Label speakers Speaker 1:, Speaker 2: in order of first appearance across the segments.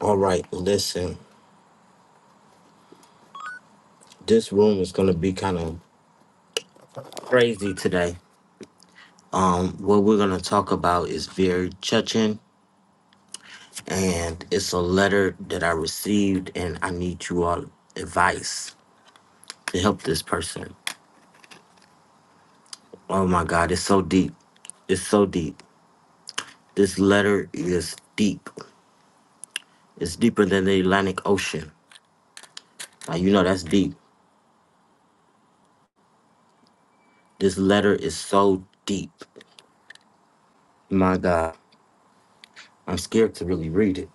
Speaker 1: All right, listen. This room is gonna be kind of crazy today. Um, what we're gonna talk about is very touching, and it's a letter that I received, and I need you all advice to help this person. Oh my God, it's so deep. It's so deep. This letter is deep. It's deeper than the Atlantic Ocean. Now you know that's deep. This letter is so deep. My God, I'm scared to really read it.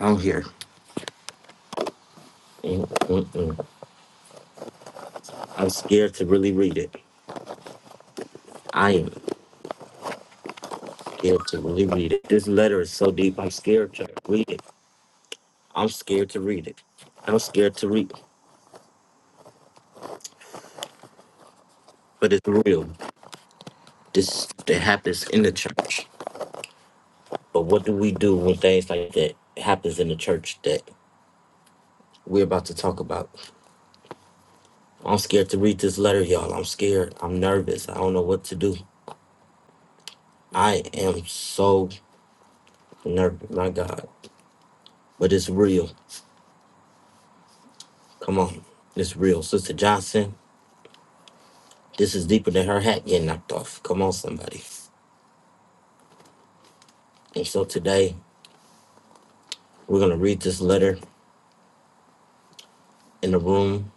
Speaker 1: I'm here. Mm, mm, mm. I'm scared to really read it. I am scared to really read it. This letter is so deep. I'm scared to read it. I'm scared to read it. I'm scared to read, it. but it's real. This that happens in the church. But what do we do when things like that happens in the church that we're about to talk about? I'm scared to read this letter, y'all. I'm scared. I'm nervous. I don't know what to do. I am so nervous. My God, but it's real. Come on, it's real, Sister Johnson. This is deeper than her hat getting knocked off. Come on, somebody. And so today, we're going to read this letter in the room,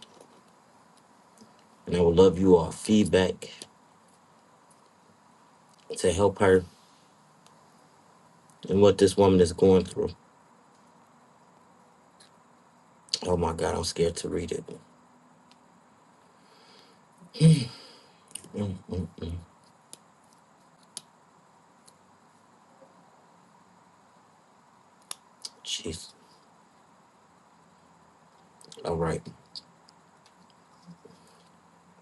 Speaker 1: and I would love you all feedback to help her and what this woman is going through. Oh my God, I'm scared to read it. Mm, mm, mm. Jeez. All right.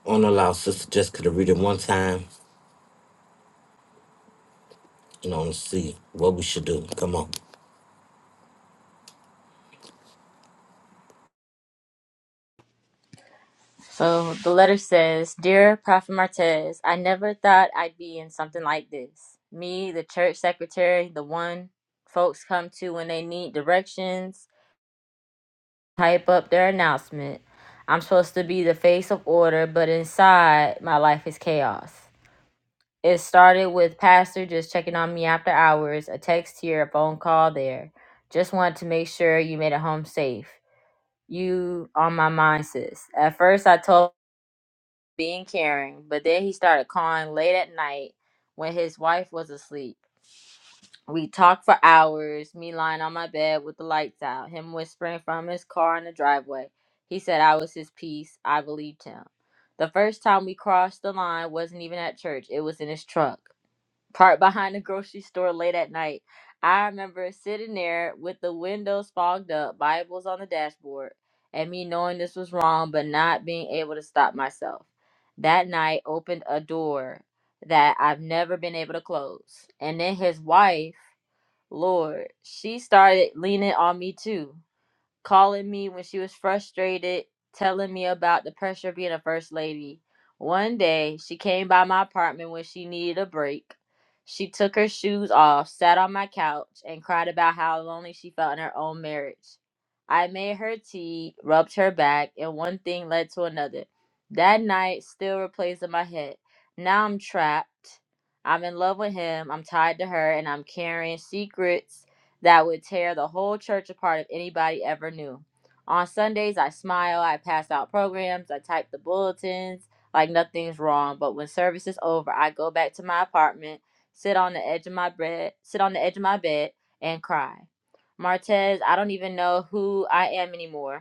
Speaker 1: I want to allow Sister Jessica to read it one time and I want to see what we should do. Come on.
Speaker 2: So the letter says, Dear Prophet Martez, I never thought I'd be in something like this. Me, the church secretary, the one folks come to when they need directions, hype up their announcement. I'm supposed to be the face of order, but inside, my life is chaos. It started with Pastor just checking on me after hours, a text here, a phone call there. Just wanted to make sure you made it home safe. You on my mind, sis. At first, I told being caring, but then he started calling late at night when his wife was asleep. We talked for hours, me lying on my bed with the lights out, him whispering from his car in the driveway. He said I was his peace. I believed him. The first time we crossed the line wasn't even at church, it was in his truck parked behind the grocery store late at night. I remember sitting there with the windows fogged up, Bibles on the dashboard, and me knowing this was wrong but not being able to stop myself. That night opened a door that I've never been able to close. And then his wife, Lord, she started leaning on me too calling me when she was frustrated, telling me about the pressure of being a first lady. One day, she came by my apartment when she needed a break. She took her shoes off, sat on my couch, and cried about how lonely she felt in her own marriage. I made her tea, rubbed her back, and one thing led to another. That night still replays in my head. Now I'm trapped. I'm in love with him. I'm tied to her, and I'm carrying secrets that would tear the whole church apart if anybody ever knew. On Sundays, I smile, I pass out programs, I type the bulletins like nothing's wrong. But when service is over, I go back to my apartment, sit on the edge of my bed, sit on the edge of my bed, and cry. Martez, I don't even know who I am anymore.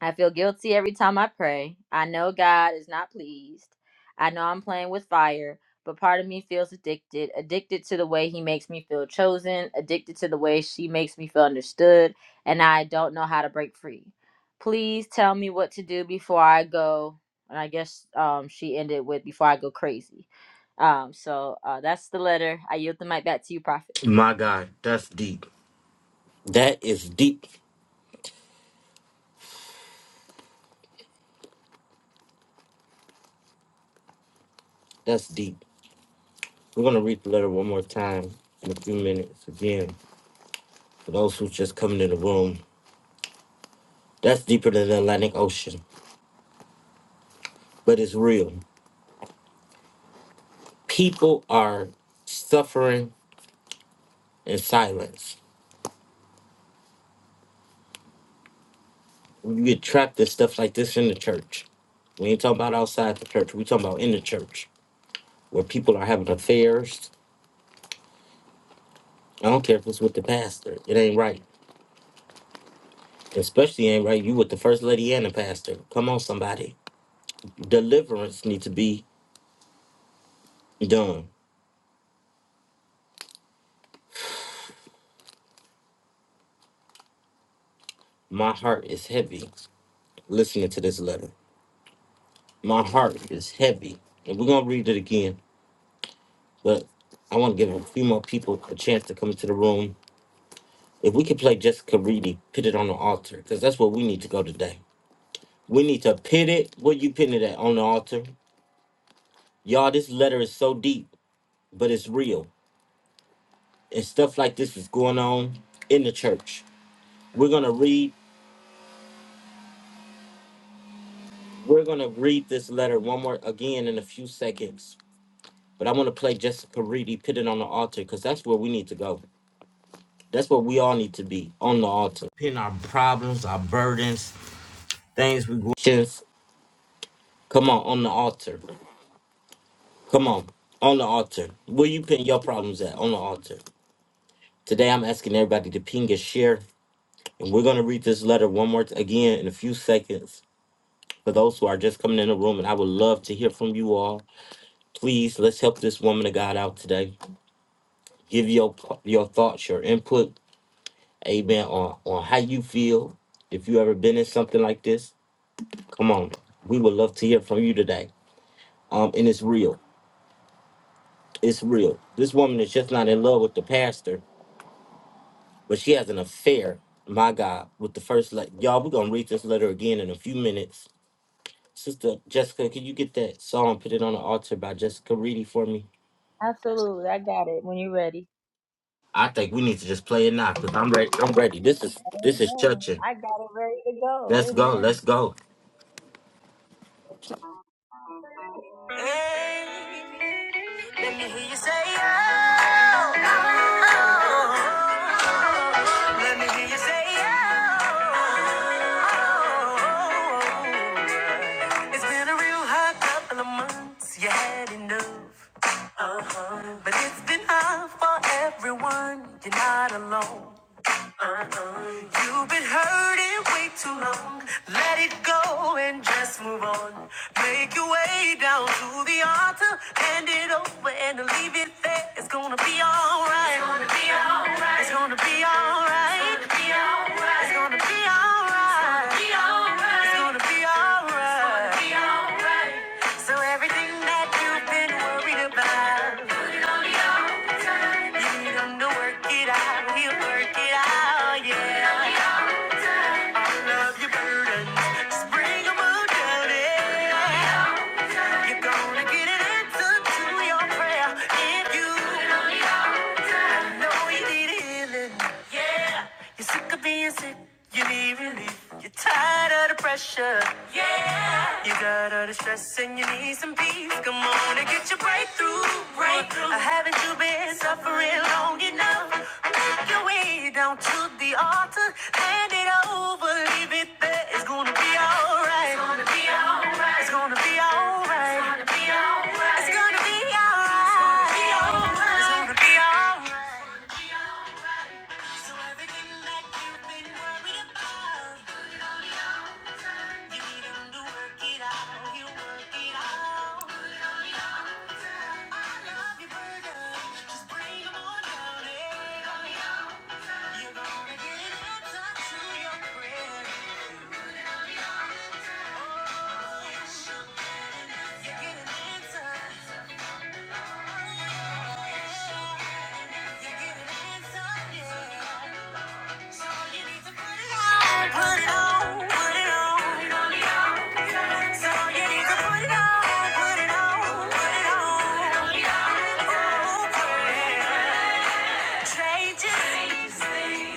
Speaker 2: I feel guilty every time I pray. I know God is not pleased. I know I'm playing with fire, but part of me feels addicted. Addicted to the way He makes me feel chosen, addicted to the way she makes me feel understood, and I don't know how to break free. Please tell me what to do before I go. And I guess um, she ended with before I go crazy. Um, so uh, that's the letter. I yield the mic back to you, Prophet.
Speaker 1: My God, that's deep. That is deep. That's deep. We're going to read the letter one more time in a few minutes again. For those who's just coming in the room, That's deeper than the Atlantic Ocean, but it's real. People are suffering in silence. You get trapped in stuff like this in the church. We ain't talking about outside the church. We talking about in the church where people are having affairs. I don't care if it's with the pastor. It ain't right. Especially ain't right. You with the first lady and the pastor. Come on, somebody. Deliverance need to be done. My heart is heavy listening to this letter. My heart is heavy. And we're gonna read it again But I want to give a few more people a chance to come into the room. If we could play Jessica Reedy, put it on the altar, because that's where we need to go today. We need to pit it. What you putting it at on the altar? Y'all, this letter is so deep, but it's real. And stuff like this is going on in the church. We're gonna read. We're gonna read this letter one more again in a few seconds. But I want to play Jessica Reedy, put it on the altar, because that's where we need to go. That's where we all need to be on the altar. Putting our problems, our burdens, things we just come on on the altar. Come on on the altar. Where you pin your problems at on the altar. Today I'm asking everybody to ping and share, and we're gonna read this letter one more t- again in a few seconds for those who are just coming in the room. And I would love to hear from you all. Please let's help this woman of God out today. Give your your thoughts, your input, amen, on on how you feel. If you ever been in something like this, come on. We would love to hear from you today. Um, and it's real. It's real. This woman is just not in love with the pastor, but she has an affair, my God, with the first letter. Y'all, we're going to read this letter again in a few minutes. Sister Jessica, can you get that song, Put It on the Altar by Jessica Reedy for me?
Speaker 2: Absolutely. I got it when you're ready.
Speaker 1: I think we need to just play it now because I'm ready. I'm ready. This is this is
Speaker 2: Amen.
Speaker 1: churching.
Speaker 2: I got it ready to go.
Speaker 1: Let's go.
Speaker 2: Amen.
Speaker 1: Let's go.
Speaker 2: Hey, let me hear you say oh. oh. oh. Let me hear you say oh. oh, oh. It's been a real hot couple of months. You had enough. Uh-huh. But it's been hard for everyone. You're not alone. Uh-huh. You've been hurting way too long. Let it go and just move on. Make your way down to the altar, hand it over and leave it there. It's gonna be alright. It's gonna be alright. It's gonna be alright. It's gonna be alright. It's gonna be alright. So everything that you've been worried about, you need him to work it out. He'll work it out, yeah. Yeah. Yeah, you're sick of being sick, you need relief. You're tired of the pressure, You got all the stress and you need some peace. Come on and get your breakthrough, breakthrough. Haven't you been suffering long enough? Make your way down to the altar, hand it over, leave it there. It's gonna be alright. It's gonna be alright. It's gonna be alright. It's gonna be alright. It's gonna be alright. It's gonna be alright. So everything that you've been worried about, you need 'em to work it out. You work it out. Changes.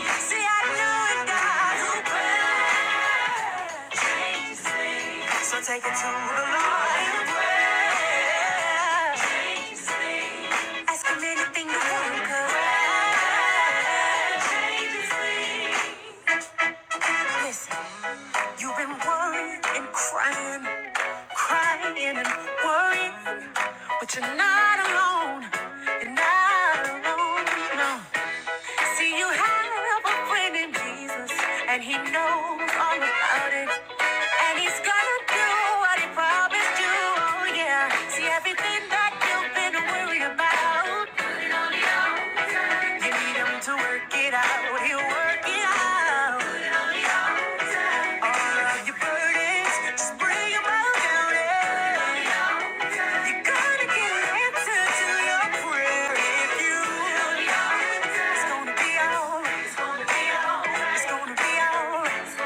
Speaker 2: See, I know it, God. So take it to the Lord. Ask him anything you want, girl. Listen, you've been worrying and crying, crying and worrying, but you're not alone. You're not alone, no. See, you have a friend in Jesus, and he knows all about it. And he's gonna do what he promised you, oh yeah. See, everything that you've been worried about. You need him to work it out. He'll work it out. All of your burdens, just bring 'em all down. yeah. You're gonna get an answer to your prayer if you. It's gonna be alright. It's gonna be alright. It's gonna be alright. It's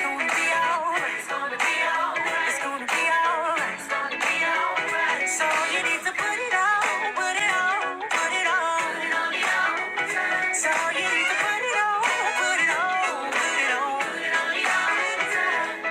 Speaker 2: gonna be alright. It's gonna be alright. It's gonna be alright. So you need to put it on, put it on, put it on. So you need to put it on, put it on, put it on, put it on your mind.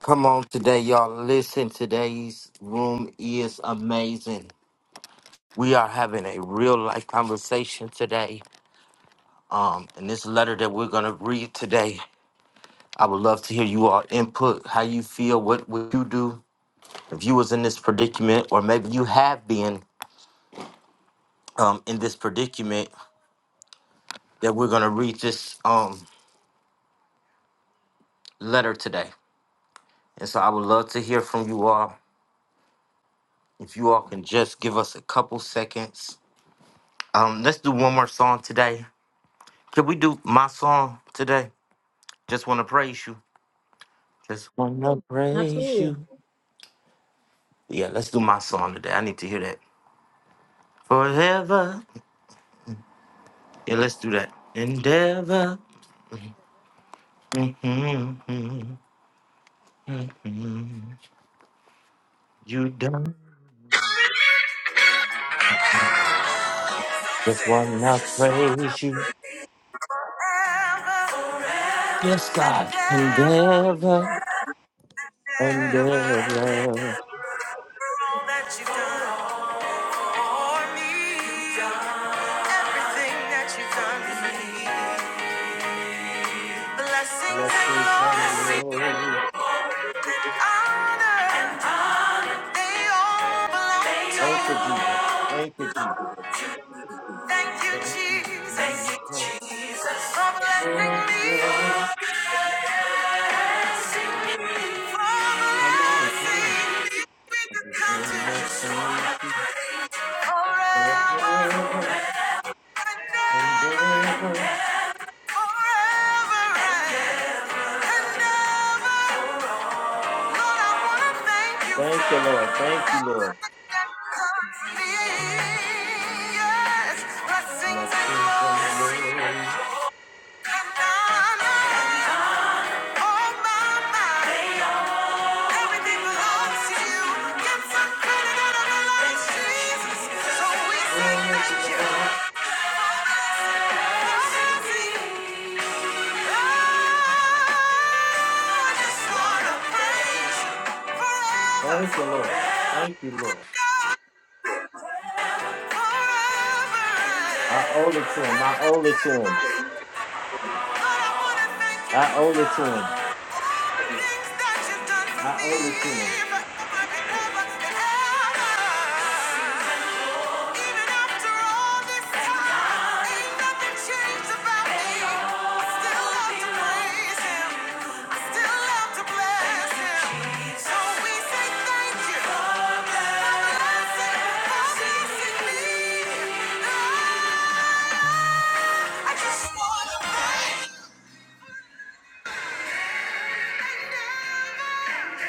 Speaker 1: Come on today, y'all. Listen, today's room is amazing. We are having a real life conversation today. Um, and this letter that we're gonna read today I would love to hear you all input, how you feel, what would you do if you was in this predicament, or maybe you have been um, in this predicament that we're gonna read this um, letter today. And so I would love to hear from you all. If you all can just give us a couple seconds. Um, let's do one more song today. Can we do my song today? Just wanna praise you. Just wanna praise
Speaker 2: Absolutely.
Speaker 1: you. Yeah, let's do my song today. I need to hear that. Forever. Yeah, let's do that. Endeavor. Mm-hmm, mm-hmm, mm-hmm, mm-hmm. You done. Just
Speaker 2: Ever,
Speaker 1: wanna praise you. Yes,
Speaker 2: and
Speaker 1: God.
Speaker 2: ever, and
Speaker 1: Endeavor,
Speaker 2: ever. and
Speaker 1: endeavor.
Speaker 2: All that you've done for me, everything that you've done for me. Blessings
Speaker 1: Blessings and
Speaker 2: and glory
Speaker 1: glory.
Speaker 2: and honor, they
Speaker 1: Thank you,
Speaker 2: all belong to you.
Speaker 1: Jesus. Thank you, Jesus.
Speaker 2: Thank you,
Speaker 1: Thank you,
Speaker 2: Jesus. Thank you,
Speaker 1: Jesus.
Speaker 2: Jesus. For blessing
Speaker 1: Oh,
Speaker 2: me.
Speaker 1: bless.
Speaker 2: For blessing me. For
Speaker 1: Come on, come on.
Speaker 2: blessing me with
Speaker 1: I
Speaker 2: the
Speaker 1: just
Speaker 2: country. I
Speaker 1: wanna
Speaker 2: just wanna
Speaker 1: praise you.
Speaker 2: praise you. Forever
Speaker 1: Forever,
Speaker 2: and ever. And ever.
Speaker 1: endeavor.
Speaker 2: Forever and and ever. Lord, I wanna thank you
Speaker 1: Thank you,
Speaker 2: for
Speaker 1: Lord. Thank you, Lord.
Speaker 2: everything that comes to me. Yes. Blessings and
Speaker 1: Blessings and
Speaker 2: more.
Speaker 1: glory.
Speaker 2: Forever, forever,
Speaker 1: Oh, bless. Thank you, Lord. Thank you, Lord. I owe it to him. I owe it to him.
Speaker 2: But I wanna thank
Speaker 1: I
Speaker 2: you
Speaker 1: owe it to
Speaker 2: for.
Speaker 1: him. I owe it to him.
Speaker 2: I just wanna thank you.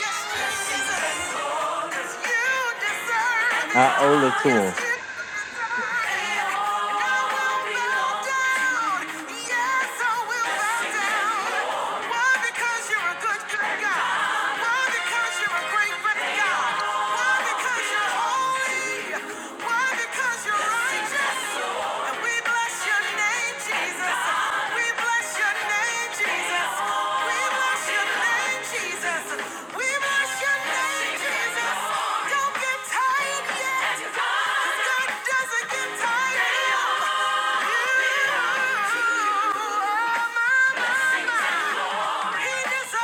Speaker 2: Yes, Jesus. Because you're
Speaker 1: I owe it to him.
Speaker 2: righteous. And we bless your name, Jesus. We bless your name, Jesus. We bless your name, Jesus. We bless your name, Jesus. Don't get tired yet. 'cause God doesn't get tired of you. You are my, my, my. Jesus.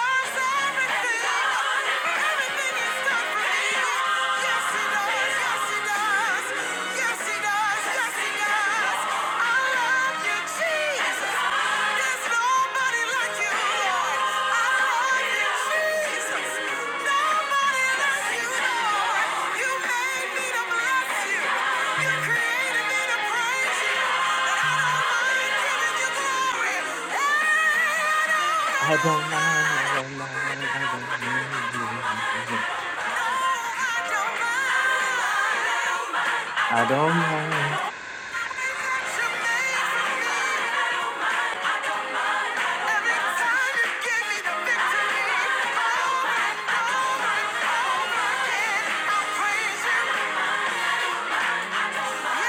Speaker 2: There's nobody like you, Lord. Yes,
Speaker 1: I don't mind. I don't mind. I don't mind. I don't mind.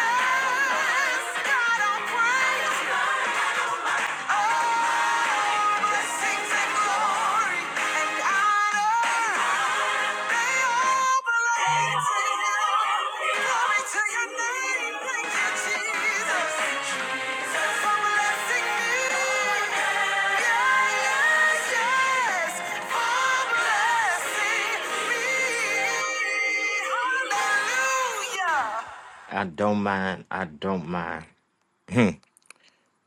Speaker 2: God, I praise you. Blessings Yeah, yes, yes,
Speaker 1: I don't mind. I don't mind. Hmm.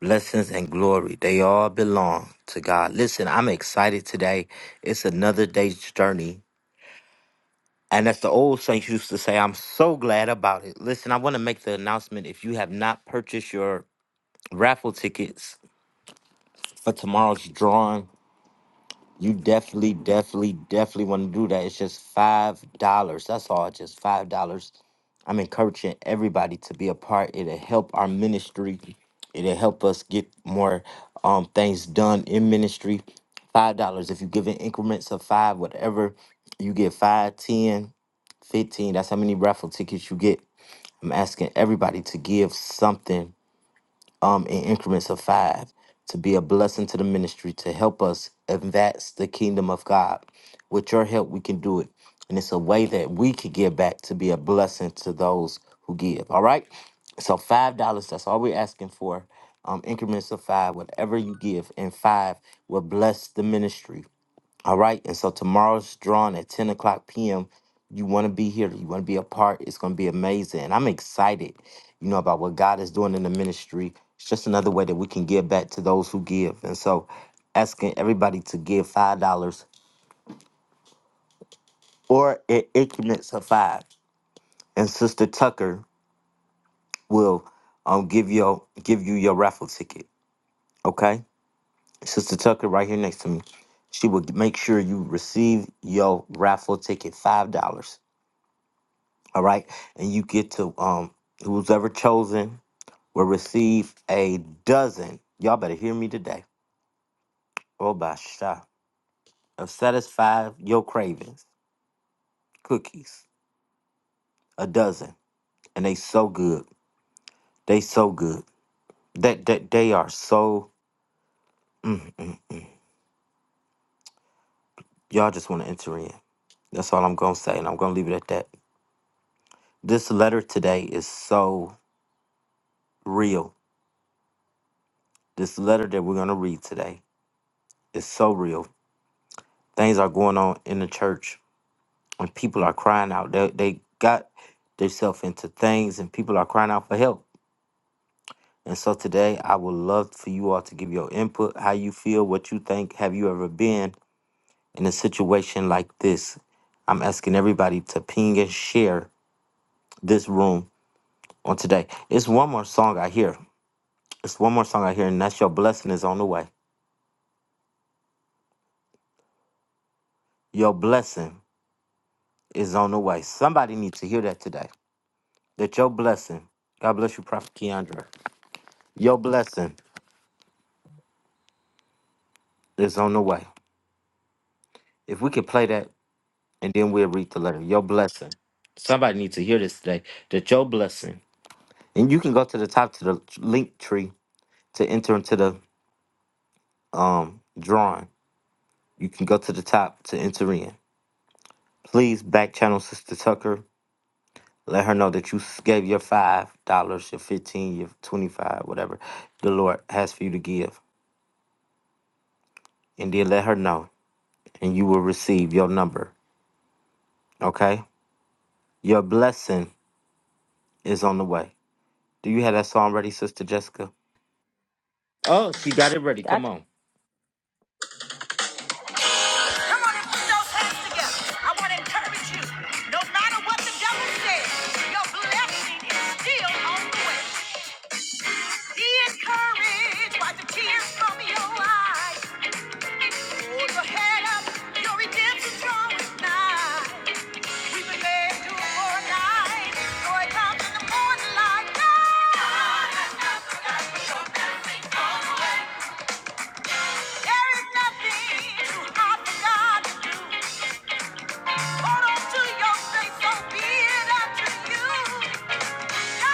Speaker 1: Blessings and glory, they all belong to God. Listen, I'm excited today. It's another day's journey And as the old saints used to say, I'm so glad about it. Listen, I want to make the announcement. If you have not purchased your raffle tickets for tomorrow's drawing, you definitely, definitely, definitely want to do that. It's just five dollars. That's all, just five dollars. I'm encouraging everybody to be a part. It'll help our ministry. It'll help us get more um things done in ministry. Five dollars. If you give in increments of five, whatever, you get five, ten. 15 that's how many raffle tickets you get i'm asking everybody to give something um in increments of five to be a blessing to the ministry to help us advance the kingdom of god with your help we can do it and it's a way that we can give back to be a blessing to those who give all right so five dollars that's all we're asking for um increments of five whatever you give and five will bless the ministry all right. And so tomorrow's drawing at 10 o'clock p.m. You want to be here. You want to be a part. It's going to be amazing. And I'm excited, you know, about what God is doing in the ministry. It's just another way that we can give back to those who give. And so asking everybody to give $5 or in increments of five. And Sister Tucker will um, give, your, give you your raffle ticket. Okay. Sister Tucker, right here next to me. She will make sure you receive your raffle ticket, $5. All right. And you get to um who's ever chosen will receive a dozen. Y'all better hear me today. Oh by sha of satisfied your cravings. Cookies. A dozen. And they so good. They so good. That that they, are so mm, mm. y'all just want to enter in. That's all I'm gonna say, and I'm gonna leave it at that. This letter today is so real. This letter that we're gonna read today is so real. Things are going on in the church and people are crying out. They they got themselves into things, and people are crying out for help. And so today, I would love for you all to give your input, how you feel, what you think. Have you ever been in a situation like this? I'm asking everybody to ping and share this room on today. It's one more song I hear. It's one more song I hear, and that's your blessing is on the way. Your blessing is on the way. Somebody needs to hear that today. That your blessing, God bless you, Prophet Keandre. Your blessing is on the way. If we could play that and then we'll read the letter. Your blessing. Somebody needs to hear this today. That your blessing. And you can go to the top to the link tree to enter into the um drawing. You can go to the top to enter in. Please back channel Sister Tucker. Let her know that you gave your five dollars, your fifteen, your twenty-five, whatever the Lord has for you to give. And then let her know and you will receive your number. Okay? Your blessing is on the way. Do you have that song ready, Sister Jessica? Oh, she got it ready. Come on.
Speaker 2: Come on and put those hands together. I want to encourage you. No matter what the devil says, your blessing is still on the way. Be encouraged by the tears from your eyes. Hold your head up. Your redemption's drawing nigh. We've been led to for Joy comes in the morning light. There is nothing too hard for God. Hold on to your faith. So be it unto you. Yeah.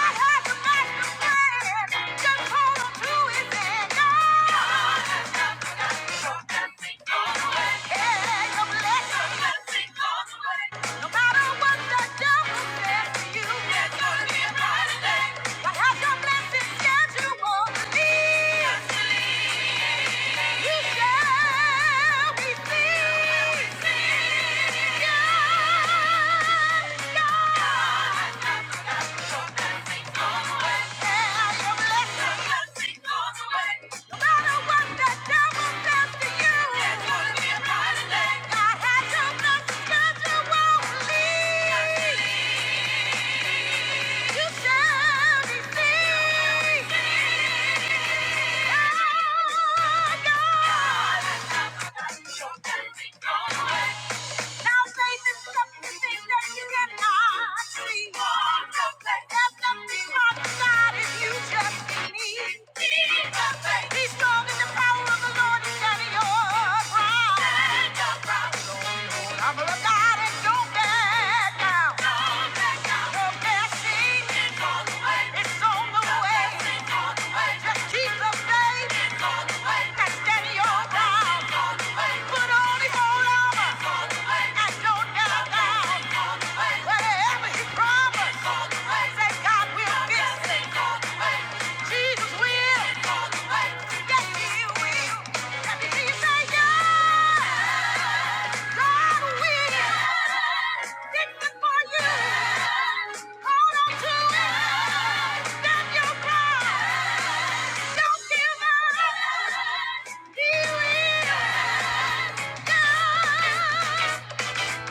Speaker 2: Yeah. Now faith is something that you cannot see. Your nothing hard to God if you just Need your faith. strong in the power of the Lord and carry your cross. I'm a God and don't back down. Don't back down. Your blessing is on It's on the way. blessing's on the way. Just keep the faith. It's on the way. stand your ground. Put on the whole armor. Whatever he promised, say God will fix it. Jesus will. Yes, he will. Let me hear you say yes. God will. Fix it for you. Hold on to it. Stand your ground. Don't give up. He will. God. Thank you.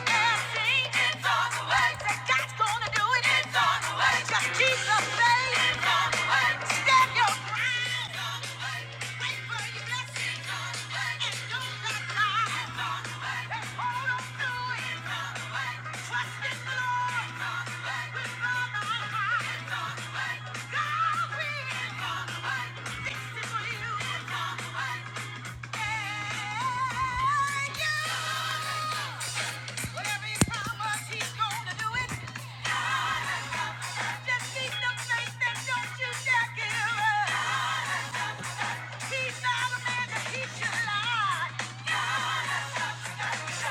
Speaker 2: So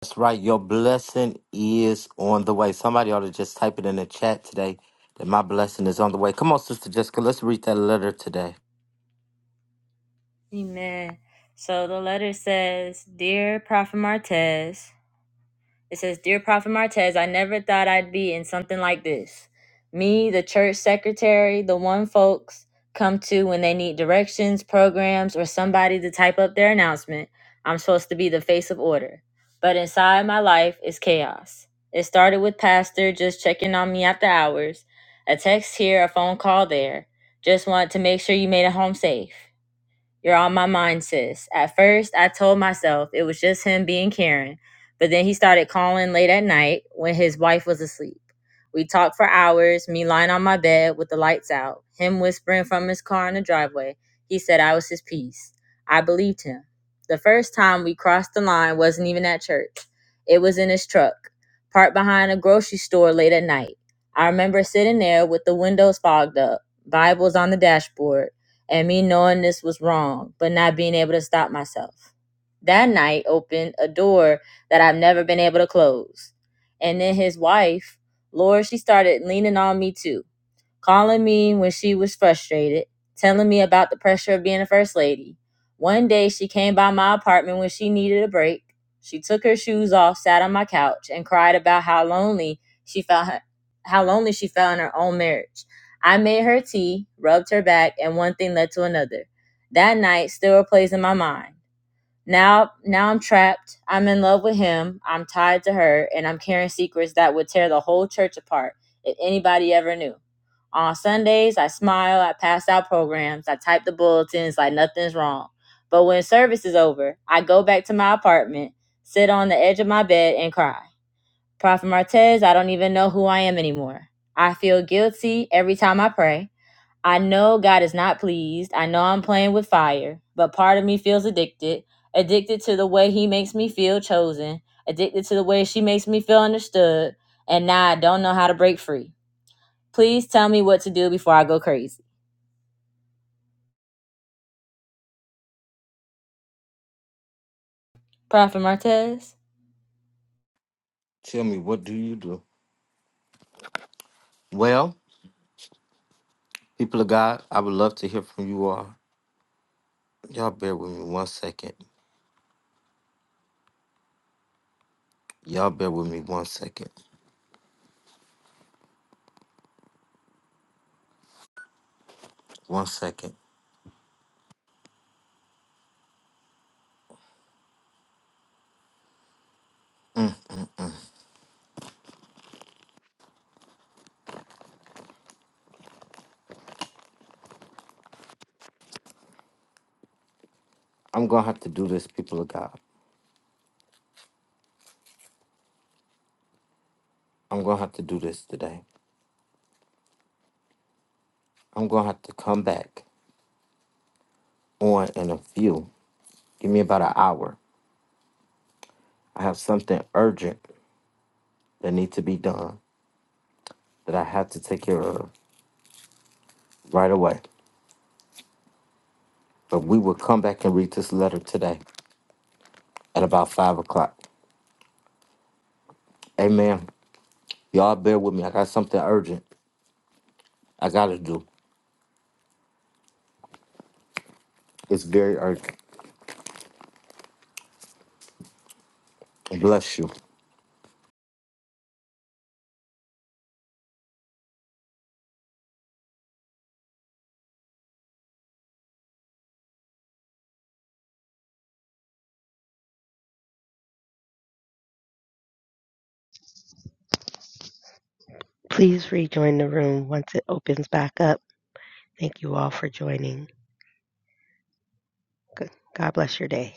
Speaker 1: That's right. Your blessing is on the way. Somebody ought to just type it in the chat today that my blessing is on the way. Come on, Sister Jessica. Let's read that letter today.
Speaker 2: Amen. So the letter says, Dear Prophet Martez, It says, Dear Prophet Martez, I never thought I'd be in something like this. Me, the church secretary, the one folks come to when they need directions, programs, or somebody to type up their announcement. I'm supposed to be the face of order. But inside my life is chaos. It started with Pastor just checking on me after hours, a text here, a phone call there. Just wanted to make sure you made it home safe. You're on my mind, sis. At first, I told myself it was just him being Karen, but then he started calling late at night when his wife was asleep. We talked for hours, me lying on my bed with the lights out, him whispering from his car in the driveway. He said I was his piece. I believed him. The first time we crossed the line wasn't even at church, it was in his truck, parked behind a grocery store late at night. I remember sitting there with the windows fogged up, Bibles on the dashboard and me knowing this was wrong, but not being able to stop myself. That night opened a door that I've never been able to close. And then his wife, Laura, she started leaning on me too calling me when she was frustrated, telling me about the pressure of being a first lady. One day she came by my apartment when she needed a break. She took her shoes off, sat on my couch, and cried about how lonely she felt how lonely she felt in her own marriage. I made her tea, rubbed her back, and one thing led to another. That night still plays in my mind. Now, now I'm trapped. I'm in love with him. I'm tied to her, and I'm carrying secrets that would tear the whole church apart if anybody ever knew. On Sundays, I smile. I pass out programs. I type the bulletins like nothing's wrong. But when service is over, I go back to my apartment, sit on the edge of my bed, and cry. Prophet Martez, I don't even know who I am anymore. I feel guilty every time I pray. I know God is not pleased. I know I'm playing with fire, but part of me feels addicted. Addicted to the way he makes me feel chosen. Addicted to the way she makes me feel understood. And now I don't know how to break free. Please tell me what to do before I go crazy. Prophet Martez?
Speaker 1: Tell me, what do you do? Well, people of God, I would love to hear from you all. Y'all bear with me one second. Y'all bear with me one second. One second. I'm going to have to do this, people of God. I'm going to have to do this today. I'm going to have to come back on in a few. Give me about an hour. I have something urgent that need to be done that I have to take care of right away. But we will come back and read this letter today at about five o'clock. Amen. Y'all bear with me. I got something urgent I gotta do. It's very urgent. Bless you.
Speaker 3: Please rejoin the room once it opens back up. Thank you all for joining. Good- God bless your day.